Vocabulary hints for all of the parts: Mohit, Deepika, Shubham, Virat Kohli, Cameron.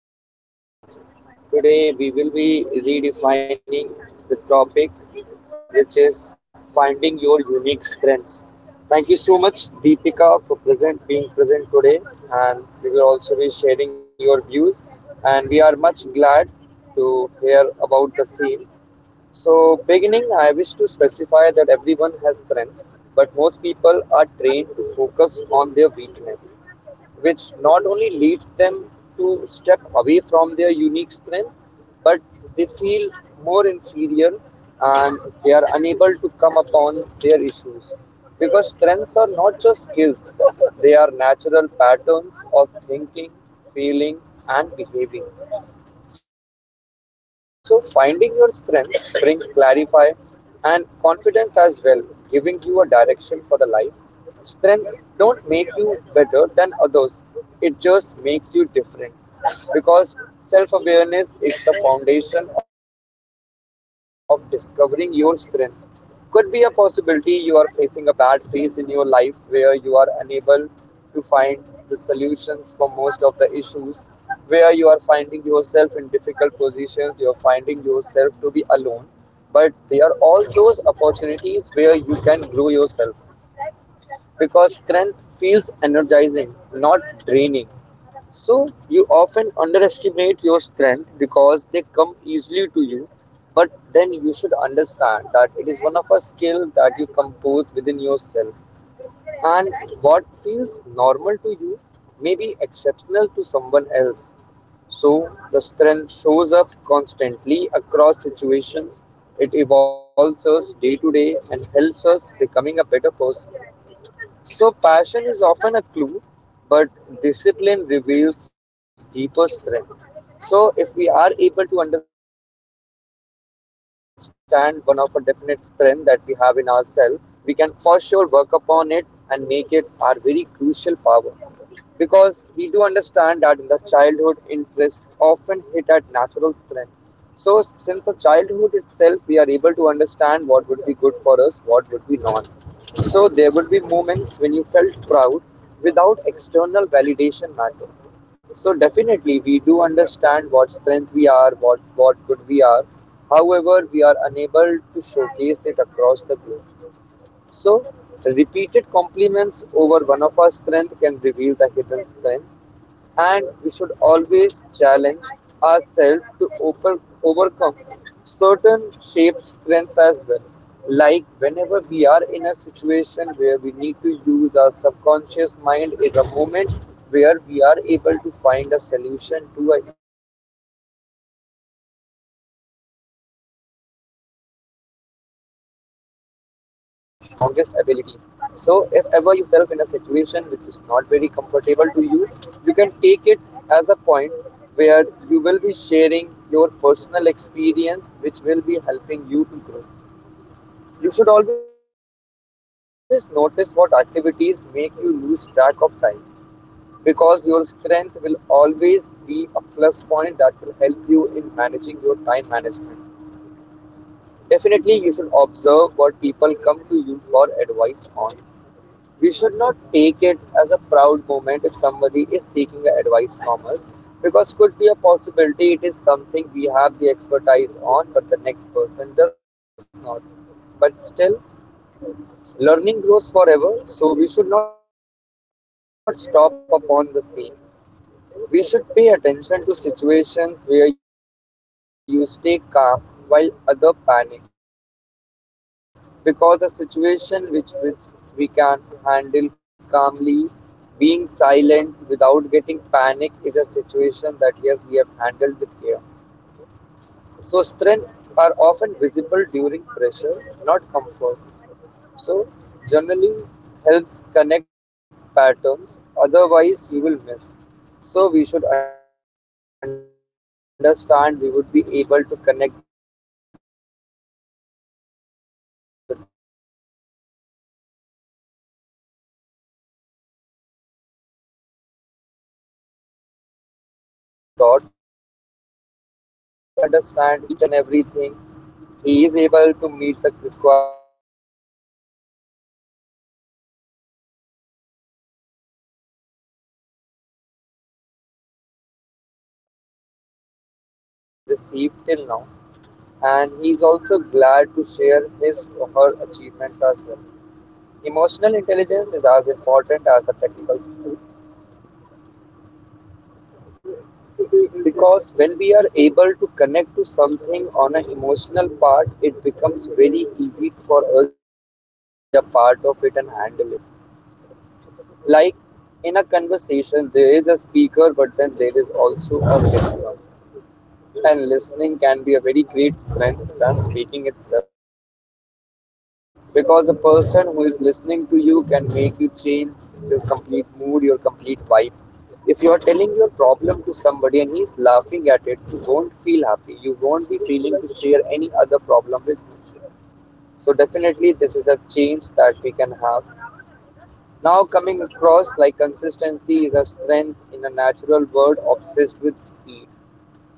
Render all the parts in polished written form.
to another podcast. Today we will be redefining the topic, which is finding your unique strengths. Thank you so much, Deepika, for present being present today, and we will also be sharing your views. And we are much glad to hear about the same. So, beginning, I wish to specify that everyone has strengths, but most people are trained to focus on their weakness, which not only leads them to step away from their unique strength, but they feel more inferior and they are unable to come upon their issues. Because strengths are not just skills, they are natural patterns of thinking, feeling, and behaving. So, finding your strengths brings clarify and confidence as well, giving you a direction for the life. Strengths don't make you better than others, it just makes you different. Because self awareness is the foundation of discovering your strengths. Could be a possibility you are facing a bad phase in your life where you are unable to find the solutions for most of the issues, where you are finding yourself in difficult positions, you are finding yourself to be alone. But there are all those opportunities where you can grow yourself, because strength feels energizing, not draining. So you often underestimate your strength because they come easily to you. But then you should understand that it is one of a skill that you compose within yourself. And what feels normal to you may be exceptional to someone else. So the strength shows up constantly across situations. It evolves us day to day and helps us becoming a better person. So passion is often a clue, but discipline reveals deeper strength. So if we are able to understand one of a definite strength that we have in ourselves, we can for sure work upon it and make it our very crucial power, because we do understand that in the childhood interest often hit at natural strength. So since the childhood itself we are able to understand what would be good for us, what would be not. So there would be moments when you felt proud without external validation matter. So definitely we do understand what strength we are, what good we are, however we are unable to showcase it across the globe. So, repeated compliments over one of our strength can reveal the hidden strength, and we should always challenge ourselves to open, overcome certain shaped strengths as well. Like whenever we are in a situation where we need to use our subconscious mind is a moment where we are able to find a solution to a issue. Pain and struggle often redefines your strongest abilities. So, if ever you find yourself in a situation which is not very comfortable to you, you can take it as a point where you will be sharing your personal experience, which will be helping you to grow. You should always notice what activities make you lose track of time, because your strength will always be a plus point that will help you in managing your time management. Definitely, you should observe what people come to you for advice on. We should not take it as a proud moment if somebody is seeking advice from us, because could be a possibility it is something we have the expertise on but the next person does not. But still learning grows forever, so we should not stop upon the same. We should pay attention to situations where you stay calm while others panic. So this is definitely a great point that finds us, because a situation which we can handle calmly, being silent without getting panic is a situation that yes we have handled with care. So strength are often visible during pressure, not comfort. So journaling helps connect patterns, otherwise you will miss. So we should understand we would be able to connect the dots to get into the correct position. Not all strengths are loud, some are quiet and very powerful. Giving an example, the strength of a person who is silent the maximum time is very much. He does understand each and everything. He is able to meet the requirements. That is why he is sitting on the table. But he prefers not to speak much, because he is happy with what he has received till now. And he is also glad to share his or her achievements as well. Emotional intelligence is as important as the technical skill, because when we are able to connect to something on an emotional part, it becomes very easy for us to be a part of it and handle it. Like in a conversation, there is a speaker, but then there is also a listener. And listening can be a very great strength than speaking itself. Because the person who is listening to you can make you change your complete mood, your complete vibe. If you are telling your problem to somebody and he is laughing at it, you won't feel happy. You won't be feeling to share any other problem with you. So definitely this is a change that we can have. Now coming across, like, consistency is a strength in a natural world obsessed with speed.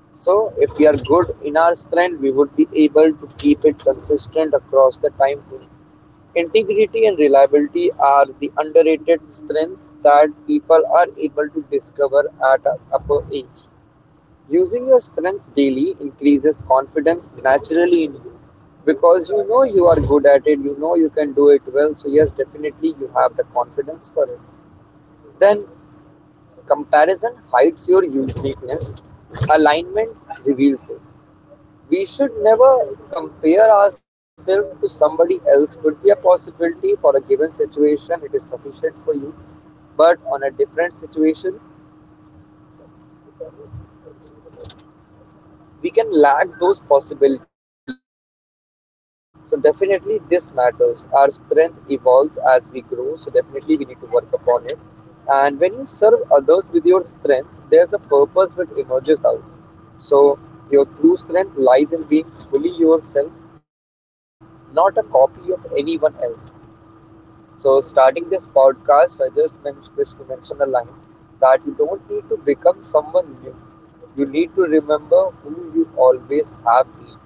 So if we are good in our strength, we would be able to keep it consistent across the time frame. Integrity and reliability are the underrated strengths that people are able to discover at an upper age. Using your strengths daily increases confidence naturally in you, because you know you are good at it, you know you can do it well. So, yes, definitely you have the confidence for it. Then, comparison hides your uniqueness, alignment reveals it. We should never compare ourselves to somebody else. Could be a possibility for a given situation it is sufficient for you, but on a different situation we can lack those possibilities. So definitely this matters. Our strength evolves as we grow. So definitely we need to work upon it. And when you serve others with your strength, there's a purpose which emerges out. So your true strength lies in being fully yourself, not a copy of anyone else. So, starting this podcast, I just wish to mention a line that you don't need to become someone new. You need to remember who you always have been,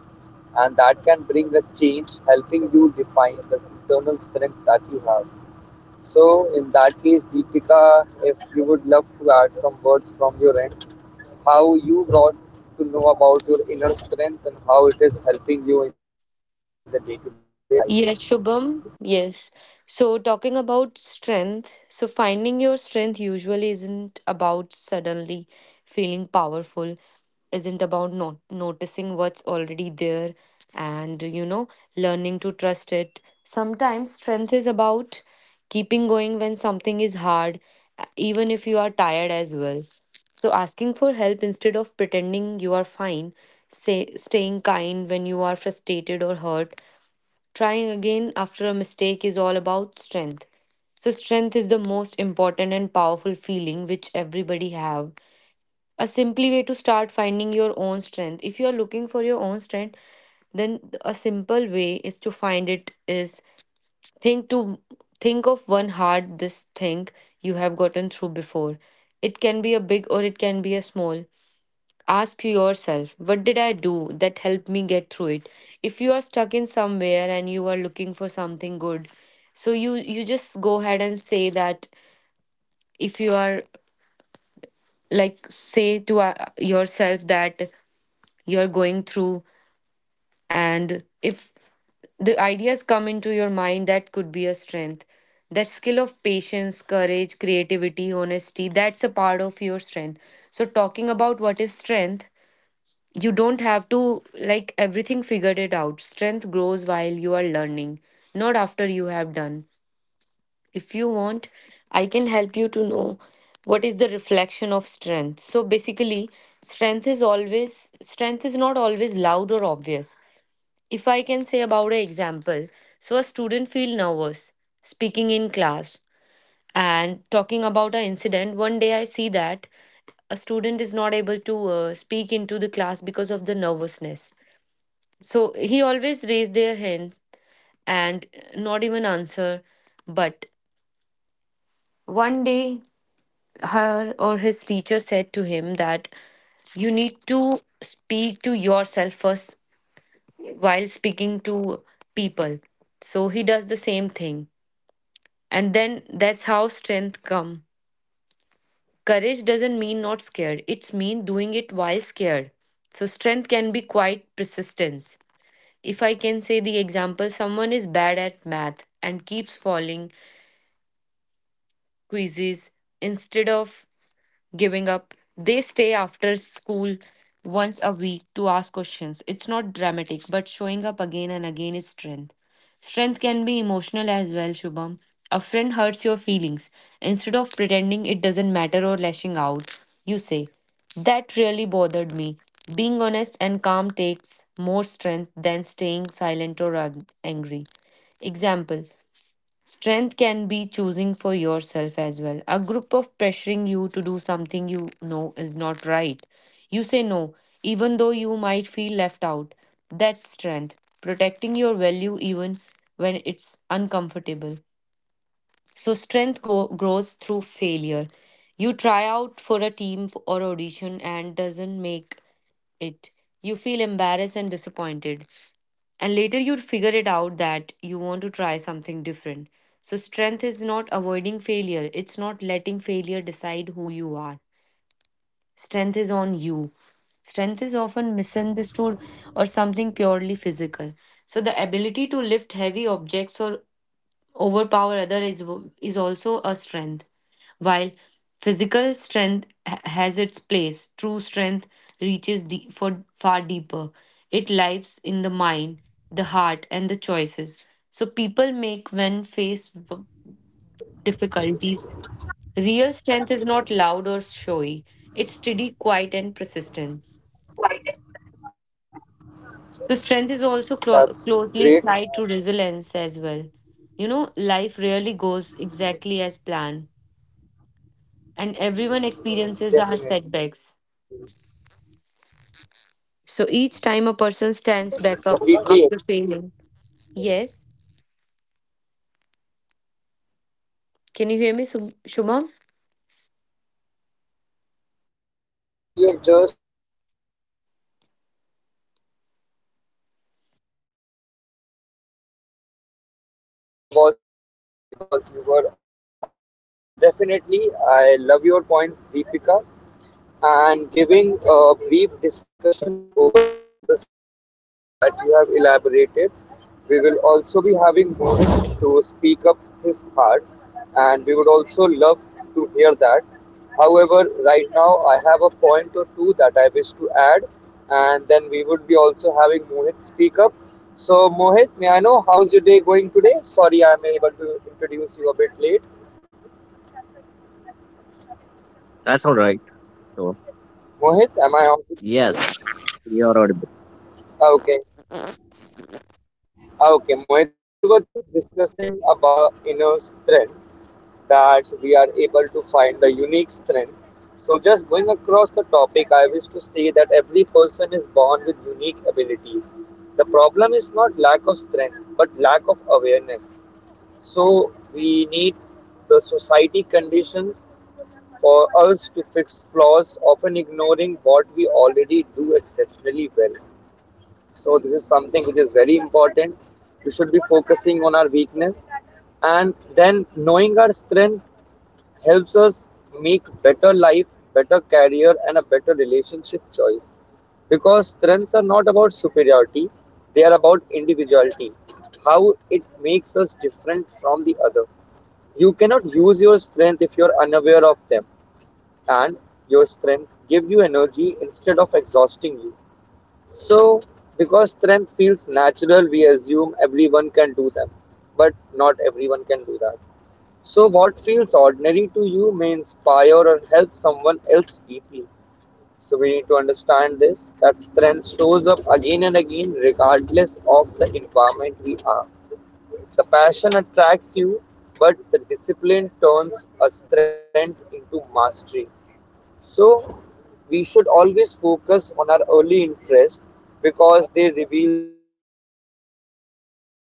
and that can bring a change, helping you define the internal strength that you have. So, in that case, Deepika, if you would love to add some words from your end, how you got to know about your inner strength and how it is helping you in the day to day life. That's great. Definitely. I completely, Deepika, the point that you have just raised that the life is very unpredictable. So, in the meantime, we also had Mohit, he had joined us. I was not able to introduce him to you because you were on the go mode. But definitely, I love your points, Deepika, and giving a brief discussion over the same points that you have elaborated. We will also be having Mohit to speak up his part, and we would also love to hear that. However, right now I have a point or two that I wish to add, and then we would be also having Mohit speak up. So, Mohit, may I know how's your day going today? Sorry, I am able to introduce you a bit late. That's all right. So Mohit, am I on? yes, you're audible. Okay. Okay, Mohit. So we were just discussing about the inner strength that we are able to find the unique strength. So just going across the topic, I wish to say that every person is born with unique abilities. The problem is not lack of strength, but lack of awareness. So we need the society conditions for us to fix flaws, often ignoring what we already do exceptionally well. So this is something which is very important. We should be focusing on our weakness, and then knowing our strength helps us make better life, better career, and a better relationship choice. Because strengths are not about superiority; they are about individuality. How it makes us different from the other. You cannot use your strength if you are unaware of them, and your strength give you energy instead of exhausting you. So, because strength feels natural, we assume everyone can do them, but not everyone can do that. So, what feels ordinary to you may inspire or help someone else deeply. So, we need to understand this that strength shows up again and again, regardless of the environment we are. The passion attracts you, but the discipline turns a strength into mastery. So we should always focus on our early interests, because they reveal the raw, unfiltered strength in us.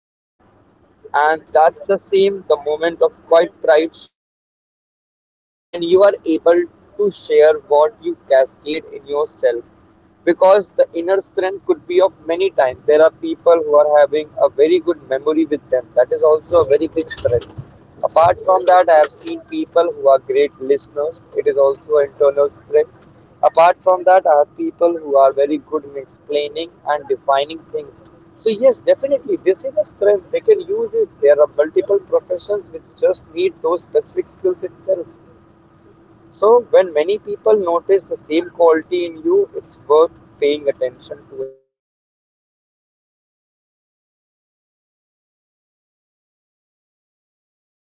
And that's the same the moment of quiet pride show alignment with your true abilities when you are able to share what you cascade in yourself, because the inner strength could be of many times. There are people who are having a very good memory with them. That is also a very big strength. Apart from that, I have seen people who are great listeners. It is also an internal strength. Apart from that, I have people who are very good in explaining and defining things. So yes, definitely, this is a strength. They can use it. There are multiple professions which just need those specific skills itself. So when many people notice the same quality in you, it's worth paying attention to it. Because that is the point you can understand that yes, I'm good at it and I can be the best at it.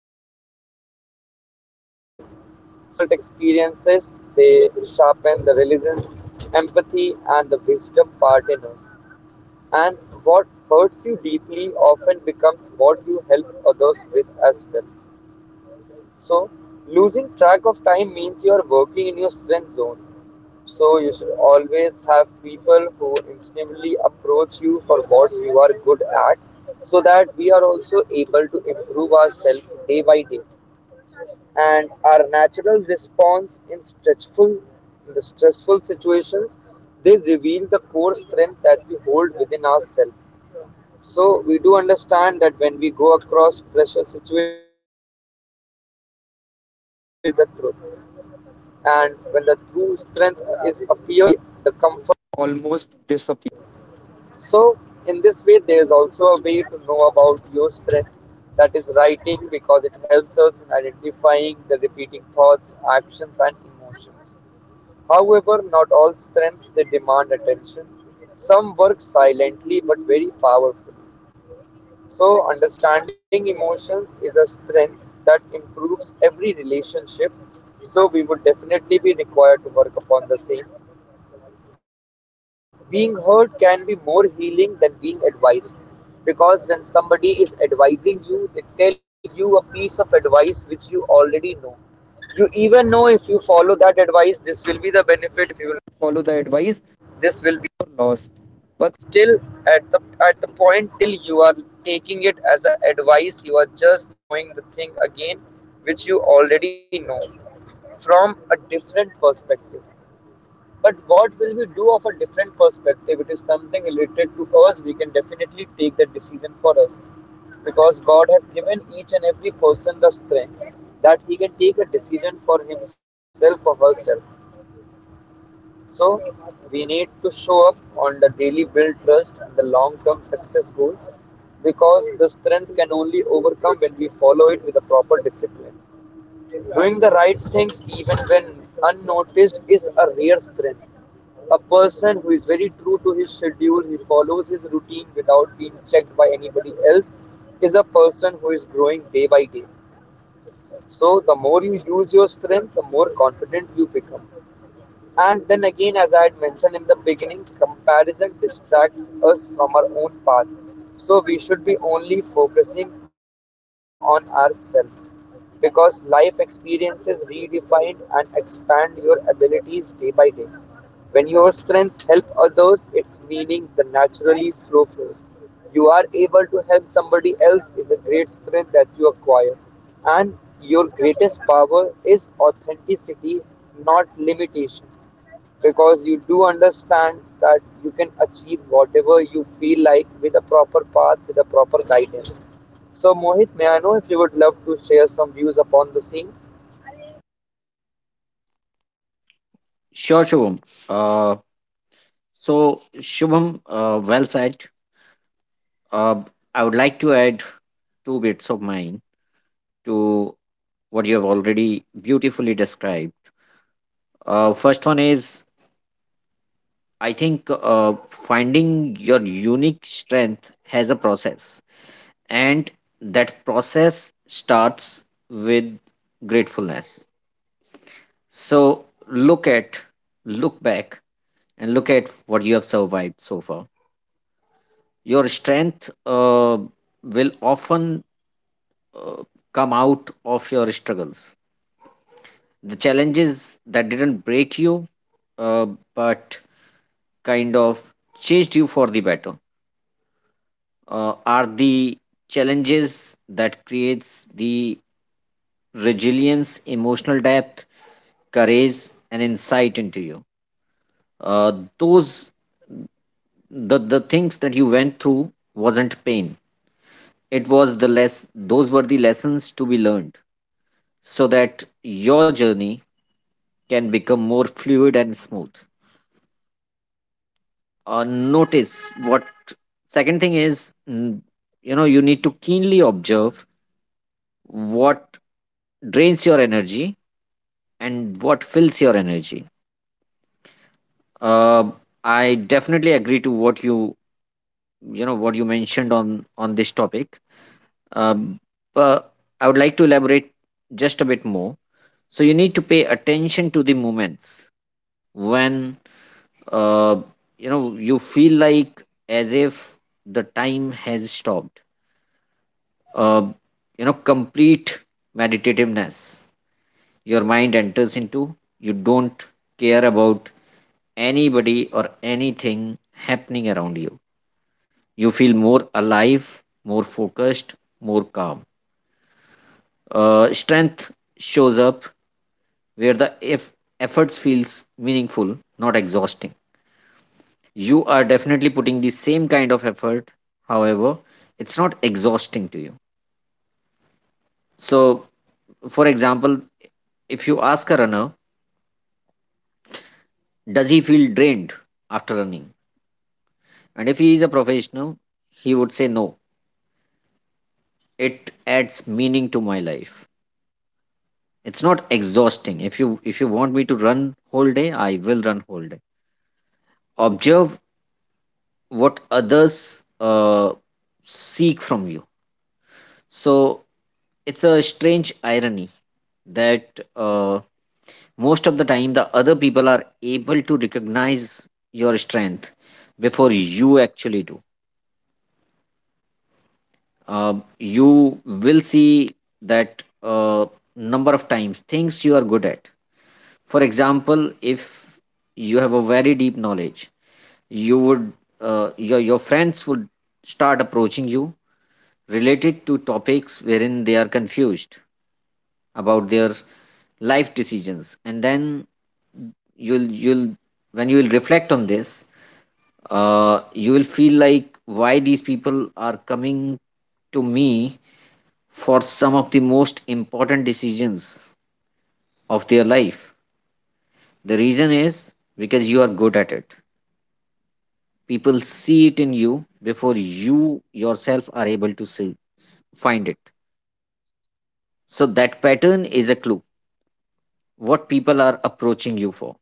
So we should understand that there are difficult experiences, they sharpen the resilience, empathy, and the wisdom part in us. And what hurts you deeply often becomes what you help others with as well. So losing track of time means you are working in your strength zone. So you should always have people who instinctively approach you for what you are good at so that we are also able to improve ourselves day by day. And our natural response in stressful situations, they reveal the core strength that we hold within ourselves. So we do understand that when we go across pressure situation, we are able to reveal the truth, and when the true strength is appearing, we the comfort almost. So in this way, there is also a way to know about your strength. That is writing, because it helps us in identifying the repeating thoughts, actions, and emotions. However, not all strengths they demand attention. Some work silently but very powerfully. So, understanding emotions is a strength that improves every relationship. So, we would definitely be required to work upon the same. Being heard can be more healing than being advised. Because when somebody is advising you, they tell you a piece of advice which you already know. You even know if you follow that advice, this will be the benefit. If you will not follow the advice, this will be your loss. But still, at the at the point till you are taking it as an advice, you are just knowing the thing again, which you already know from a different perspective. But what will we do of a different perspective? It is something related to us. We can definitely take that decision for us. Because God has given each and every person the strength that he can take a decision for himself or herself. So we need to show up on the daily build trust and the long term success goals, because the strength can only overcome when we follow it with a proper discipline. Doing the right things even when unnoticed is a rare strength. A person who is very true to his schedule, he follows his routine without being checked by anybody else, is a person who is growing day by day. So, the more you use your strength, the more confident you become. And then again, as I had mentioned in the beginning, comparison distracts us from our own path. So we should be only focusing on ourselves, because life experiences redefine and expand your abilities day by day. When your strengths help others, its meaning the naturally flows. You are able to help somebody else is a great strength that you acquire. And your greatest power is authenticity, not limitation. Because you do understand that you can achieve whatever you feel like with a proper path, with a proper guidance. So, Mohit, may I know if you would love to share some views upon the same? Sure, Shubham. Uh, so Shubham, well said. Uh, I would like to add two bits of mine to what you have already beautifully described. First one is I think finding your unique strength has a process, and that process starts with gratefulness. So look at look back and look at what you have survived so far. Your strength will often uh, come out of your struggles. The challenges that didn't break you, uh, but kind of changed you for the better, are the challenges that creates the resilience, emotional depth, courage, and insight into you. Uh, those the things that you went through wasn't pain, it was the less those were the lessons to be learned so that your journey can become more fluid and smooth. Notice what Second thing is, you know, you need to keenly observe what drains your energy and what fills your energy. uh, I definitely agree to what you know, what you mentioned on this topic. um, but I would like to elaborate just a bit more. So you need to pay attention to the moments when, uh, you know, you feel like as if the time has stopped, uh, you know, complete meditativeness your mind enters into. You don't care about anybody or anything happening around you. You feel more alive, more focused, more calm. Strength shows up where the efforts feels meaningful, not exhausting. You are definitely putting the same kind of effort. However, it's not exhausting to you. So, for example, if you ask a runner, does he feel drained after running? And if he is a professional, he would say no. It adds meaning to my life. It's not exhausting. If you want me to run whole day, I will run whole day. Observe what others seek from you. So it's a strange irony that, most of the time, the other people are able to recognize your strength before you actually do. Um, you will see that, uh, number of times things you are good at. For example, if you have a very deep knowledge, you would, your friends would start approaching you related to topics wherein they are confused about their life decisions. And then you'll when you will reflect on this, you will feel like why these people are coming to me for some of the most important decisions of their life. The reason is because you are good at it. People see it in you before you yourself are able to see, find it. So, that pattern is a clue what people are approaching you for.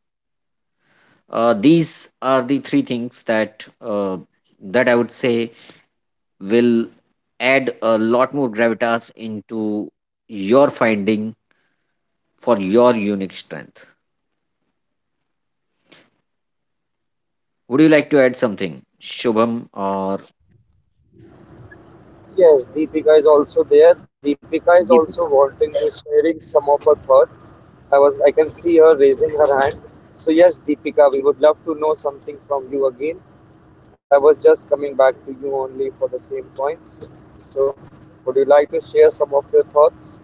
These are the three things that, that I would say will add a lot more gravitas into your finding for your unique strength. Would you like to add something, Shubham or Yes, Deepika is also there. Deepika is also Deepika? wanting to sharing some of her thoughts. I can see her raising her hand. So yes, Deepika, we would love to know something from you again. I was just coming back to you only for the same points. So would you like to share some of your thoughts?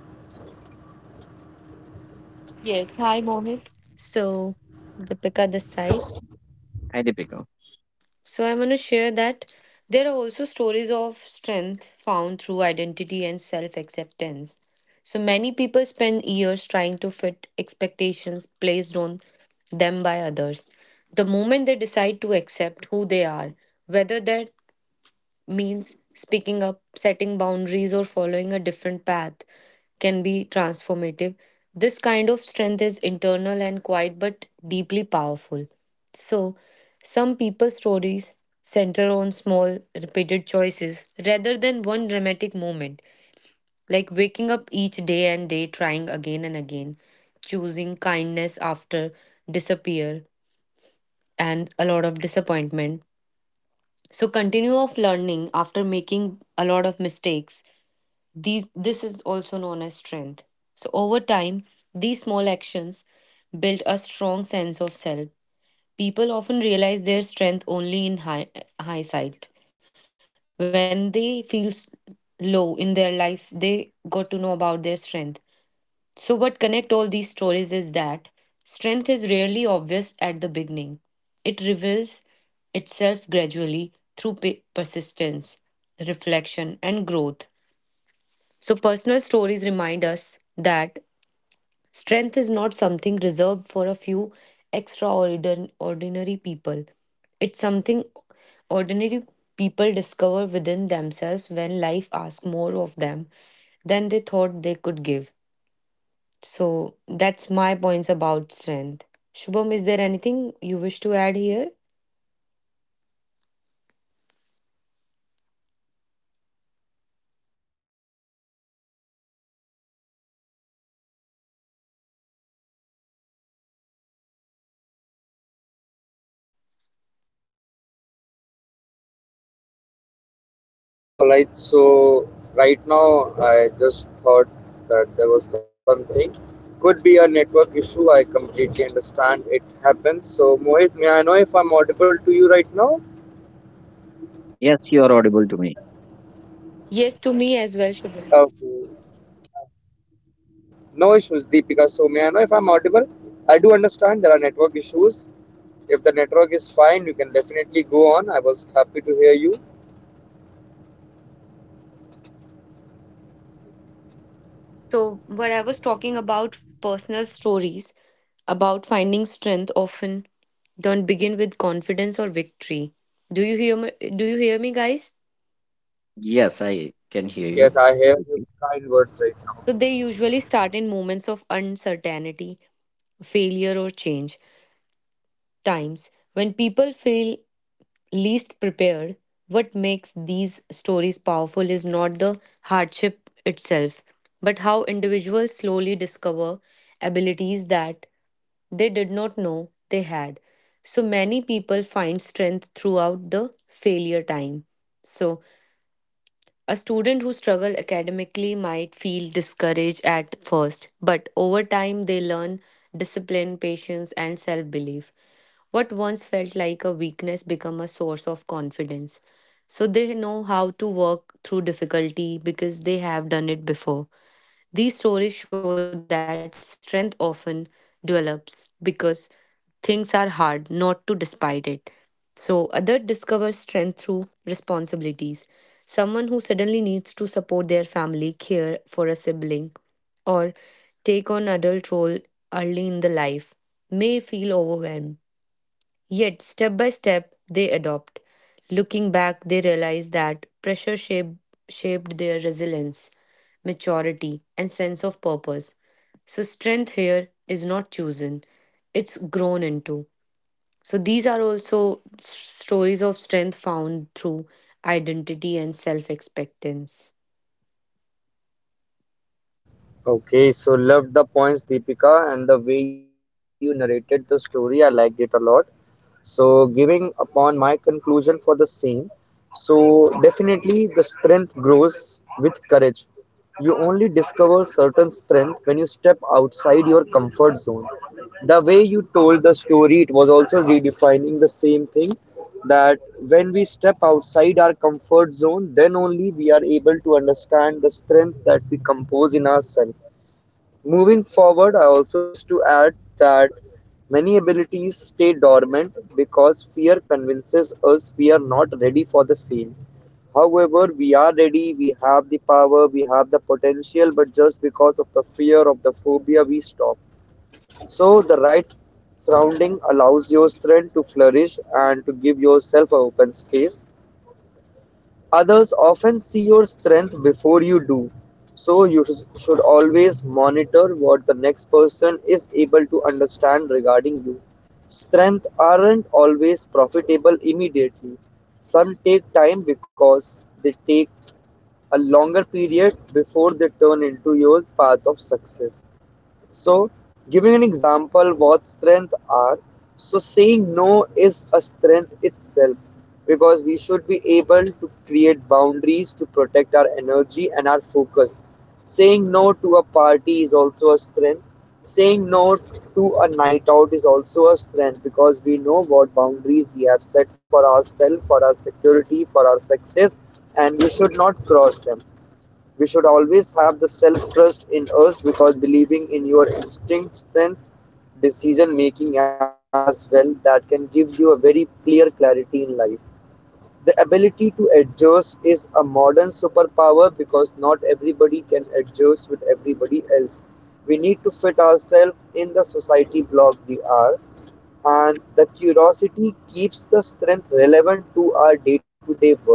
Hi, Deepika. All right. So right now I just thought that there was something. Could be a network issue. I completely understand. It happens. So Mohit, may I know if I'm audible to you right now? Yes, you are audible to me. Okay. No issues, Deepika. So may I know if I'm audible? I do understand there are network issues. If the network is fine, you can definitely go on. I was happy to hear you. Yes, I can hear Yes, you. yes, I hear Okay. your kind words right. Okay, so loved the points, Deepika, and the way you narrated the story. I liked it a lot. So, giving upon my conclusion for the same, so definitely the strength grows with courage. You only discover certain strength when you step outside your comfort zone. The way you told the story, it was also redefining the same thing, that when we step outside our comfort zone, then only we are able to understand the strength that we compose in ourselves. Moving forward, I also wish to add that many abilities stay dormant because fear convinces us we are not ready for the same. However, we are ready, we have the power, we have the potential, but just because of the fear of the phobia, we stop. So the right surrounding allows your strength to flourish and to give yourself an open space. Others often see your strength before you do. So you should always monitor what the next person is able to understand regarding you. Strength aren't always profitable immediately. Some take time because they take a longer period before they turn into your path of success. So, giving an example what strength are. So, saying no is a strength itself, because we should be able to create boundaries to protect our energy and our focus. Saying no to a party is also a strength. Saying no to a night out is also a strength, because we know what boundaries we have set for ourselves, for our security, for our success, and we should not cross them. We should always have the self-trust in us, because believing in your instincts sense, decision making as well, that can give you a very clear clarity in life. The ability to adjust is a modern superpower, because not everybody can adjust with everybody else. We need to fit ourselves in the society block we are, and the curiosity keeps the strength relevant to our day to day work.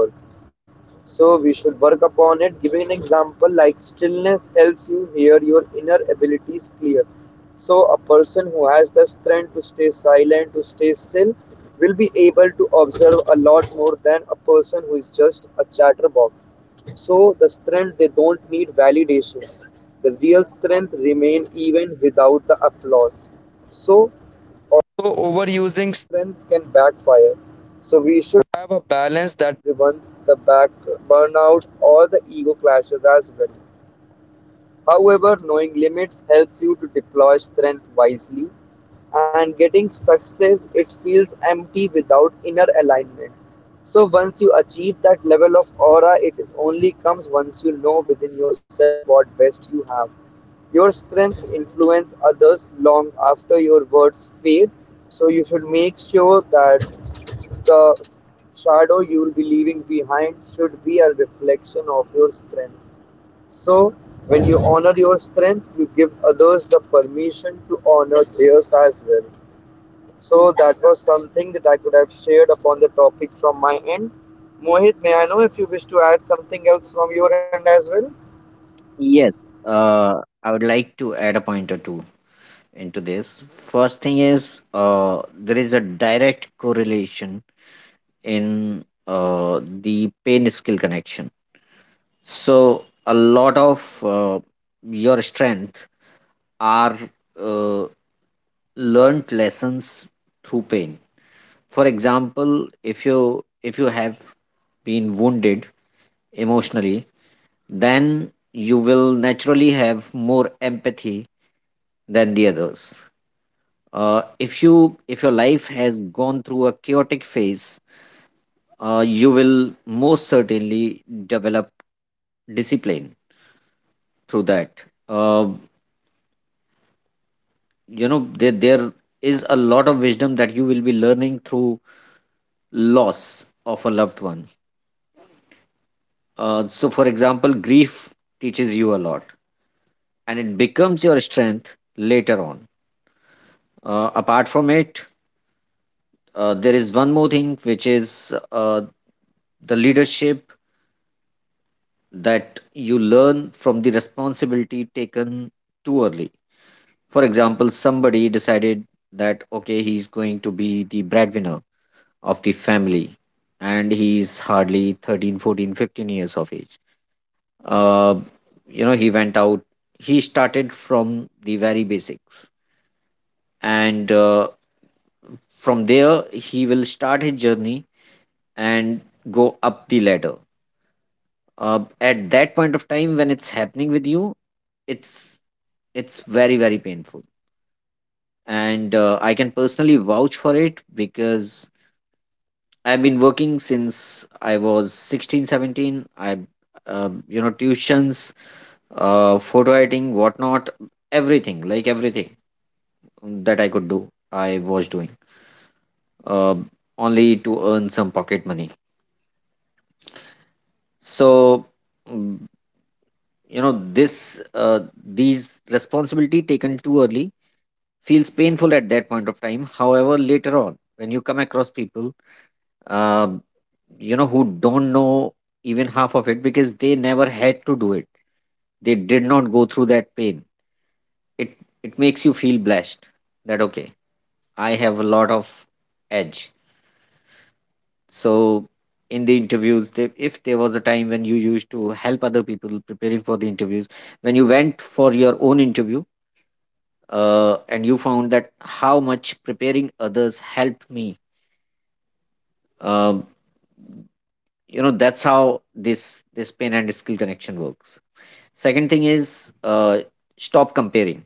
So we should work upon it. Giving an example like stillness helps you hear your inner abilities clear. So a person who has the strength to stay silent, to stay still, will be able to observe a lot more than a person who is just a chatterbox. So the strength they don't need validation. The real strength remain even without the applause. So so overusing strengths can backfire. So we should have a balance that prevents the back burnout or the ego clashes as well. However, knowing limits helps you to deploy strength wisely, and getting success it feels empty without inner alignment. So once you achieve that level of aura, it is only comes once you know within yourself what best you have. Your strengths influence others long after your words fade, so you should make sure that the shadow you will be leaving behind should be a reflection of your strength. So, when you honor your strength, you give others the permission to honor theirs as well. So, that was something that I could have shared upon the topic from my end. Mohit, may I know if you wish to add something else from your end as well? Yes, I would like to add a point or two into this. First thing is, uh, there is a direct correlation in the pain skill connection. So a lot of your strength are uh, learned lessons through pain. For example, if you have been wounded emotionally, then you will naturally have more empathy than the others. If you if your life has gone through a chaotic phase, you will most certainly develop discipline through that. uh, you know, there is a lot of wisdom that you will be learning through loss of a loved one. So for example, grief teaches you a lot and it becomes your strength later on. Apart from it, there is one more thing, which is, the leadership that you learn from the responsibility taken too early. For example, somebody decided that okay, he's going to be the breadwinner of the family, and he's hardly 13, 14, 15 years of age. uh, you know, he went out, he started from the very basics, and from there he will start his journey and go up the ladder. At that point of time when it's happening with you, it's it's very very painful. And I can personally vouch for it because I've been working since I was 16, 17. I, you know, tuitions, photo editing, whatnot, everything, like everything that I could do, I was doing, uh, only to earn some pocket money. So, mm, you know, these responsibility taken too early feels painful at that point of time. However, later on, when you come across people, uh. you know, who don't know even half of it because they never had to do it, they did not go through that pain, it it makes you feel blessed that okay, I have a lot of edge. So in the interviews they, if there was a time when you used to help other people preparing for the interviews, when you went for your own interview, and you found that how much preparing others helped me. um, you know, that's how this pain and skill connection works. Second thing is, stop comparing.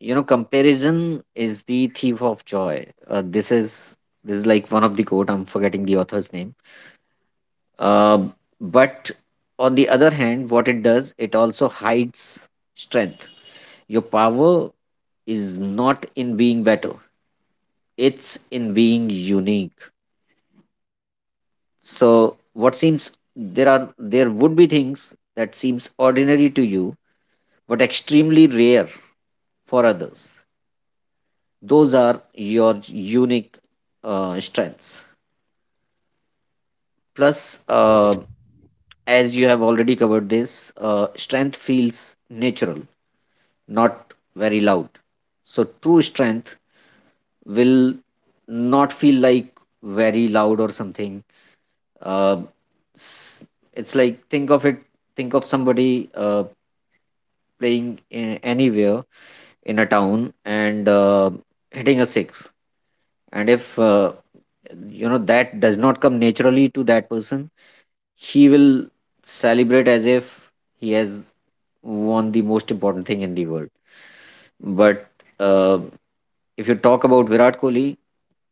You know, comparison is the thief of joy. This is like one of the quote. I'm forgetting the author's name. Uh, but on the other hand, what it does, it also hides strength. Your power is not in being better; it's in being unique. So, what seems there are, there would be things that seems ordinary to you, but extremely rare for others. Those are your unique strengths. Plus, as you have already covered this, strength feels natural, not very loud. So true strength will not feel like very loud or something. uh, s- it's like think of it, think of somebody playing in, anywhere in a town, and hitting a six. And if, you know, that does not come naturally to that person, he will celebrate as if he has won the most important thing in the world. But, uh, if you talk about Virat Kohli,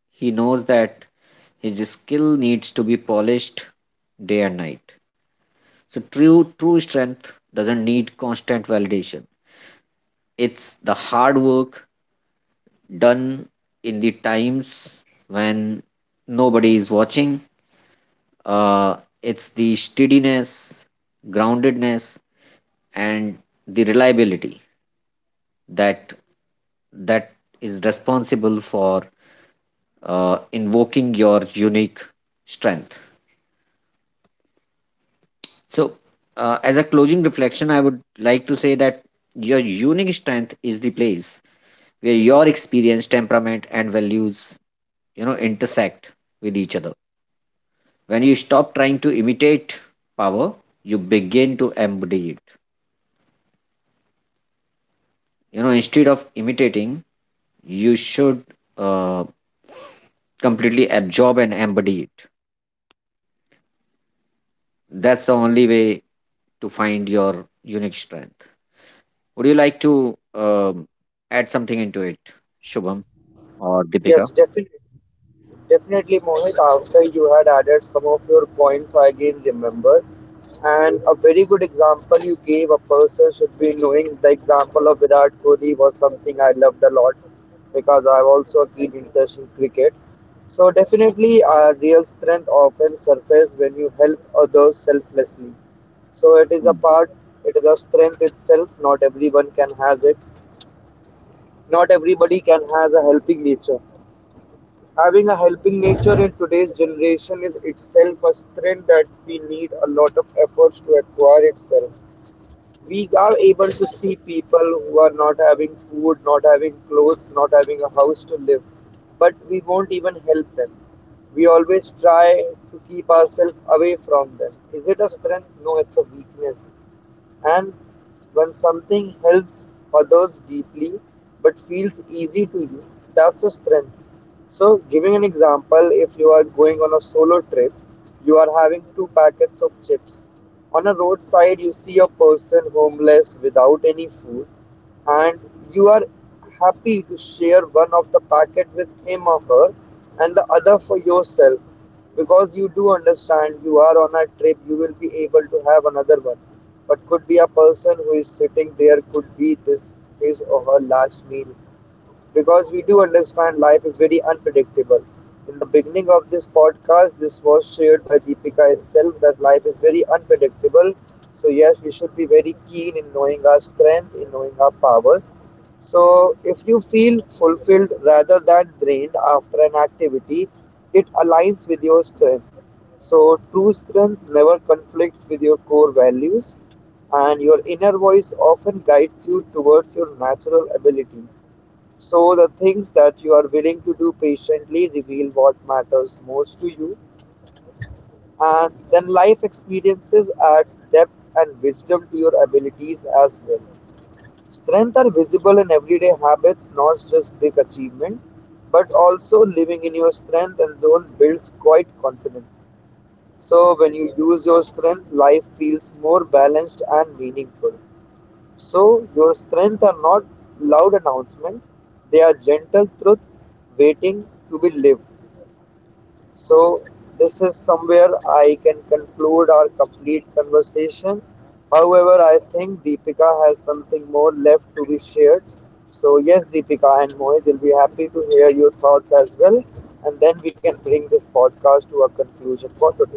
he knows that his skill needs to be polished day and night. So true strength doesn't need constant validation. It's the hard work done in the times when nobody is watching. Uh, it's the steadiness, groundedness, and the reliability that that is responsible for invoking your unique strength. So as a closing reflection, I would like to say that your unique strength is the place where your experience, temperament and values, you know, intersect with each other. When you stop trying to imitate power, you begin to embody it. You know, instead of imitating, you should, uh, completely absorb and embody it. That's the only way to find your unique strength. Would you like to, add something into it, Shubham or Deepika? Yes, definitely. Definitely, Mohit. After you had added some of your points, I again remember. And a very good example you gave, a person should be knowing, the example of Virat Kohli was something I loved a lot, because I have also a keen interest in cricket. So definitely our real strength often surfaces when you help others selflessly. So it is a Hmm. part, it is a strength itself. Not everyone can has it. Not everybody can has a helping nature. Having a helping nature in today's generation is itself a strength that we need a lot of efforts to acquire itself. We are able to see people who are not having food, not having clothes, not having a house to live, but we won't even help them. We always try to keep ourselves away from them. Is it a strength? No, it's a weakness. And when something helps others deeply but feels easy to you, that's a strength. So, giving an example, if you are going on a solo trip, you are having two packets of chips. On a roadside, you see a person homeless without any food, and you are happy to share one of the packet with him or her, and the other for yourself, because you do understand you are on a trip, you will be able to have another one. But could be a person who is sitting there, could be this his or her last meal, because we do understand life is very unpredictable. In the beginning of this podcast, this was shared by Deepika itself that life is very unpredictable. So, yes, we should be very keen in knowing our strength, in knowing our powers. So, if you feel fulfilled rather than drained after an activity, it aligns with your strength. So, true strength never conflicts with your core values, and your inner voice often guides you towards your natural abilities. So, the things that you are willing to do patiently reveal what matters most to you, and then life experiences adds depth and wisdom to your abilities as well. Strengths are visible in everyday habits, not just big achievement, but also living in your strength and zone builds quite confidence. So, when you use your strength, life feels more balanced and meaningful. So your strength are not loud announcement, they are gentle truth waiting to be lived. So this is somewhere I can conclude our complete conversation. However, I think Deepika has something more left to be shared. So yes, Deepika and Mohit will be happy to hear your thoughts as well. And then we can bring this podcast to a conclusion for today.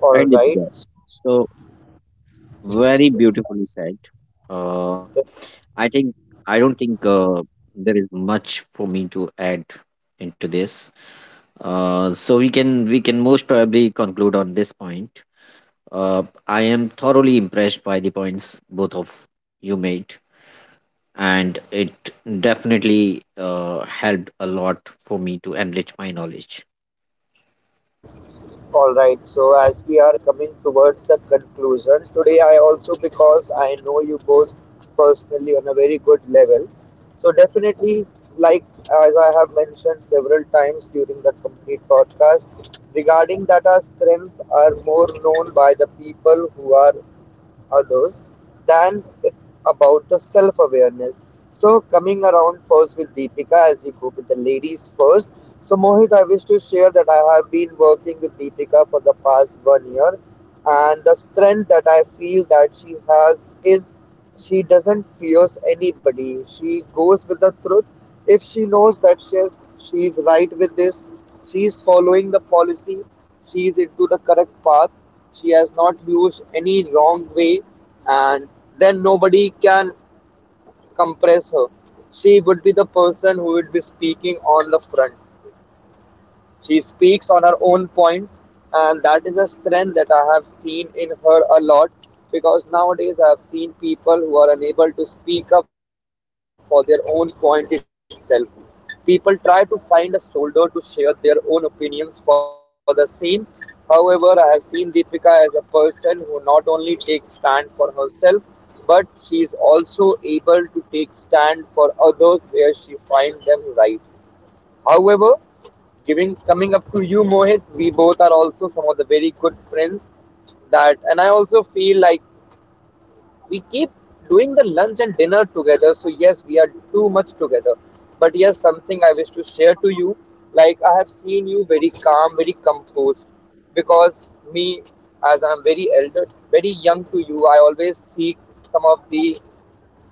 All Right, right. Deepika. So very beautifully said. uh, I think, I don't think there is much for me to add into this. So we can most probably conclude on this point. uh, I am thoroughly impressed by the points both of you made, and it definitely helped a lot for me to enrich my knowledge. All right, so as we are coming towards the conclusion, today I also, because I know you both personally on a very good level, so definitely, like as I have mentioned several times during the complete podcast, regarding that our strengths are more known by the people who are others than about the self awareness. So, coming around first with Deepika as we go with the ladies first. So, Mohit, I wish to share that I have been working with Deepika for the past 1 year, and the strength that I feel that she has is, she doesn't fears anybody. She goes with the truth. If she knows that she is right with this, she is following the policy, she is into the correct path, she has not used any wrong way, and then nobody can compress her. She would be the person who would be speaking on the front. She speaks on her own points, and that is a strength that I have seen in her a lot, because nowadays I have seen people who are unable to speak up for their own point itself. People try to find a shoulder to share their own opinions for the same. However, I have seen Deepika as a person who not only takes stand for herself, but she is also able to take stand for others where she finds them right. However, giving coming up to you, Mohit, we both are also some of the very good friends. That, and I also feel like we keep doing the lunch and dinner together. So yes, we are too much together. But yes, something I wish to share to you. Like I have seen you very calm, very composed. Because me, as I'm very elder, very young to you, I always seek some of the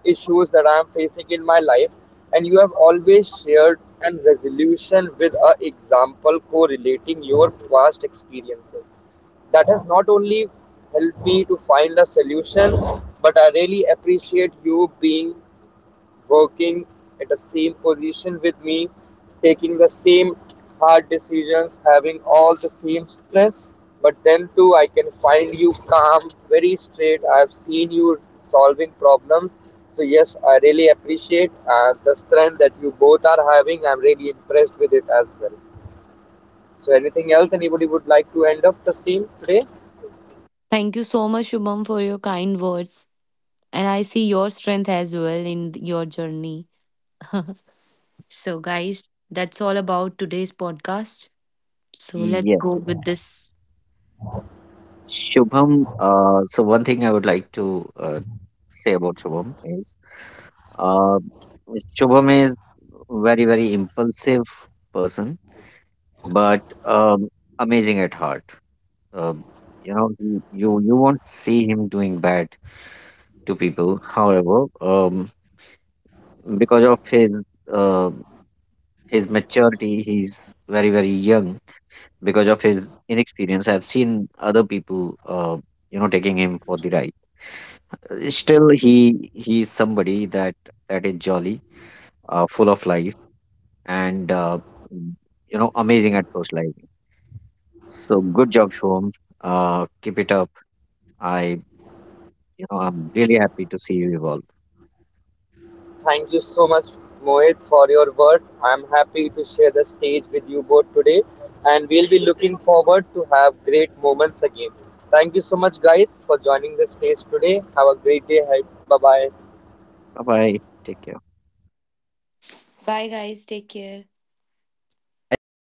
issues that I am facing in my life, and you have always shared an resolution with a example correlating your past experiences. That has not only helped me to find a solution, but I really appreciate you being working at the same position with me, taking the same hard decisions, having all the same stress. But then too, I can find you calm, very straight. I've seen you solving problems. So yes, I really appreciate the strength that you both are having. I'm really impressed with it as well. So anything else anybody would like to end up the same today? Yes. Shubham, so one thing I would like to, say about Shubham is, uh, Shubham is very, very impulsive person, but amazing at heart. Um, you know, you won't see him doing bad to people. However, because of his, um his maturity, he's very very young. Because of his inexperience, I've seen other people, uh, you know, taking him for the ride. Still he's somebody that is jolly, full of life, and mm, you know, amazing at socializing. So good job, Shom. Keep it up. I You know, I'm really happy to see you evolve. Thank you so much, Mohit, for your words. I'm happy to share the stage with you both today, and we'll be looking forward to have great moments again. Thank you so much, guys, for joining the stage today. Have a great day ahead. Bye bye. Bye bye. Take care. Bye, Deepika.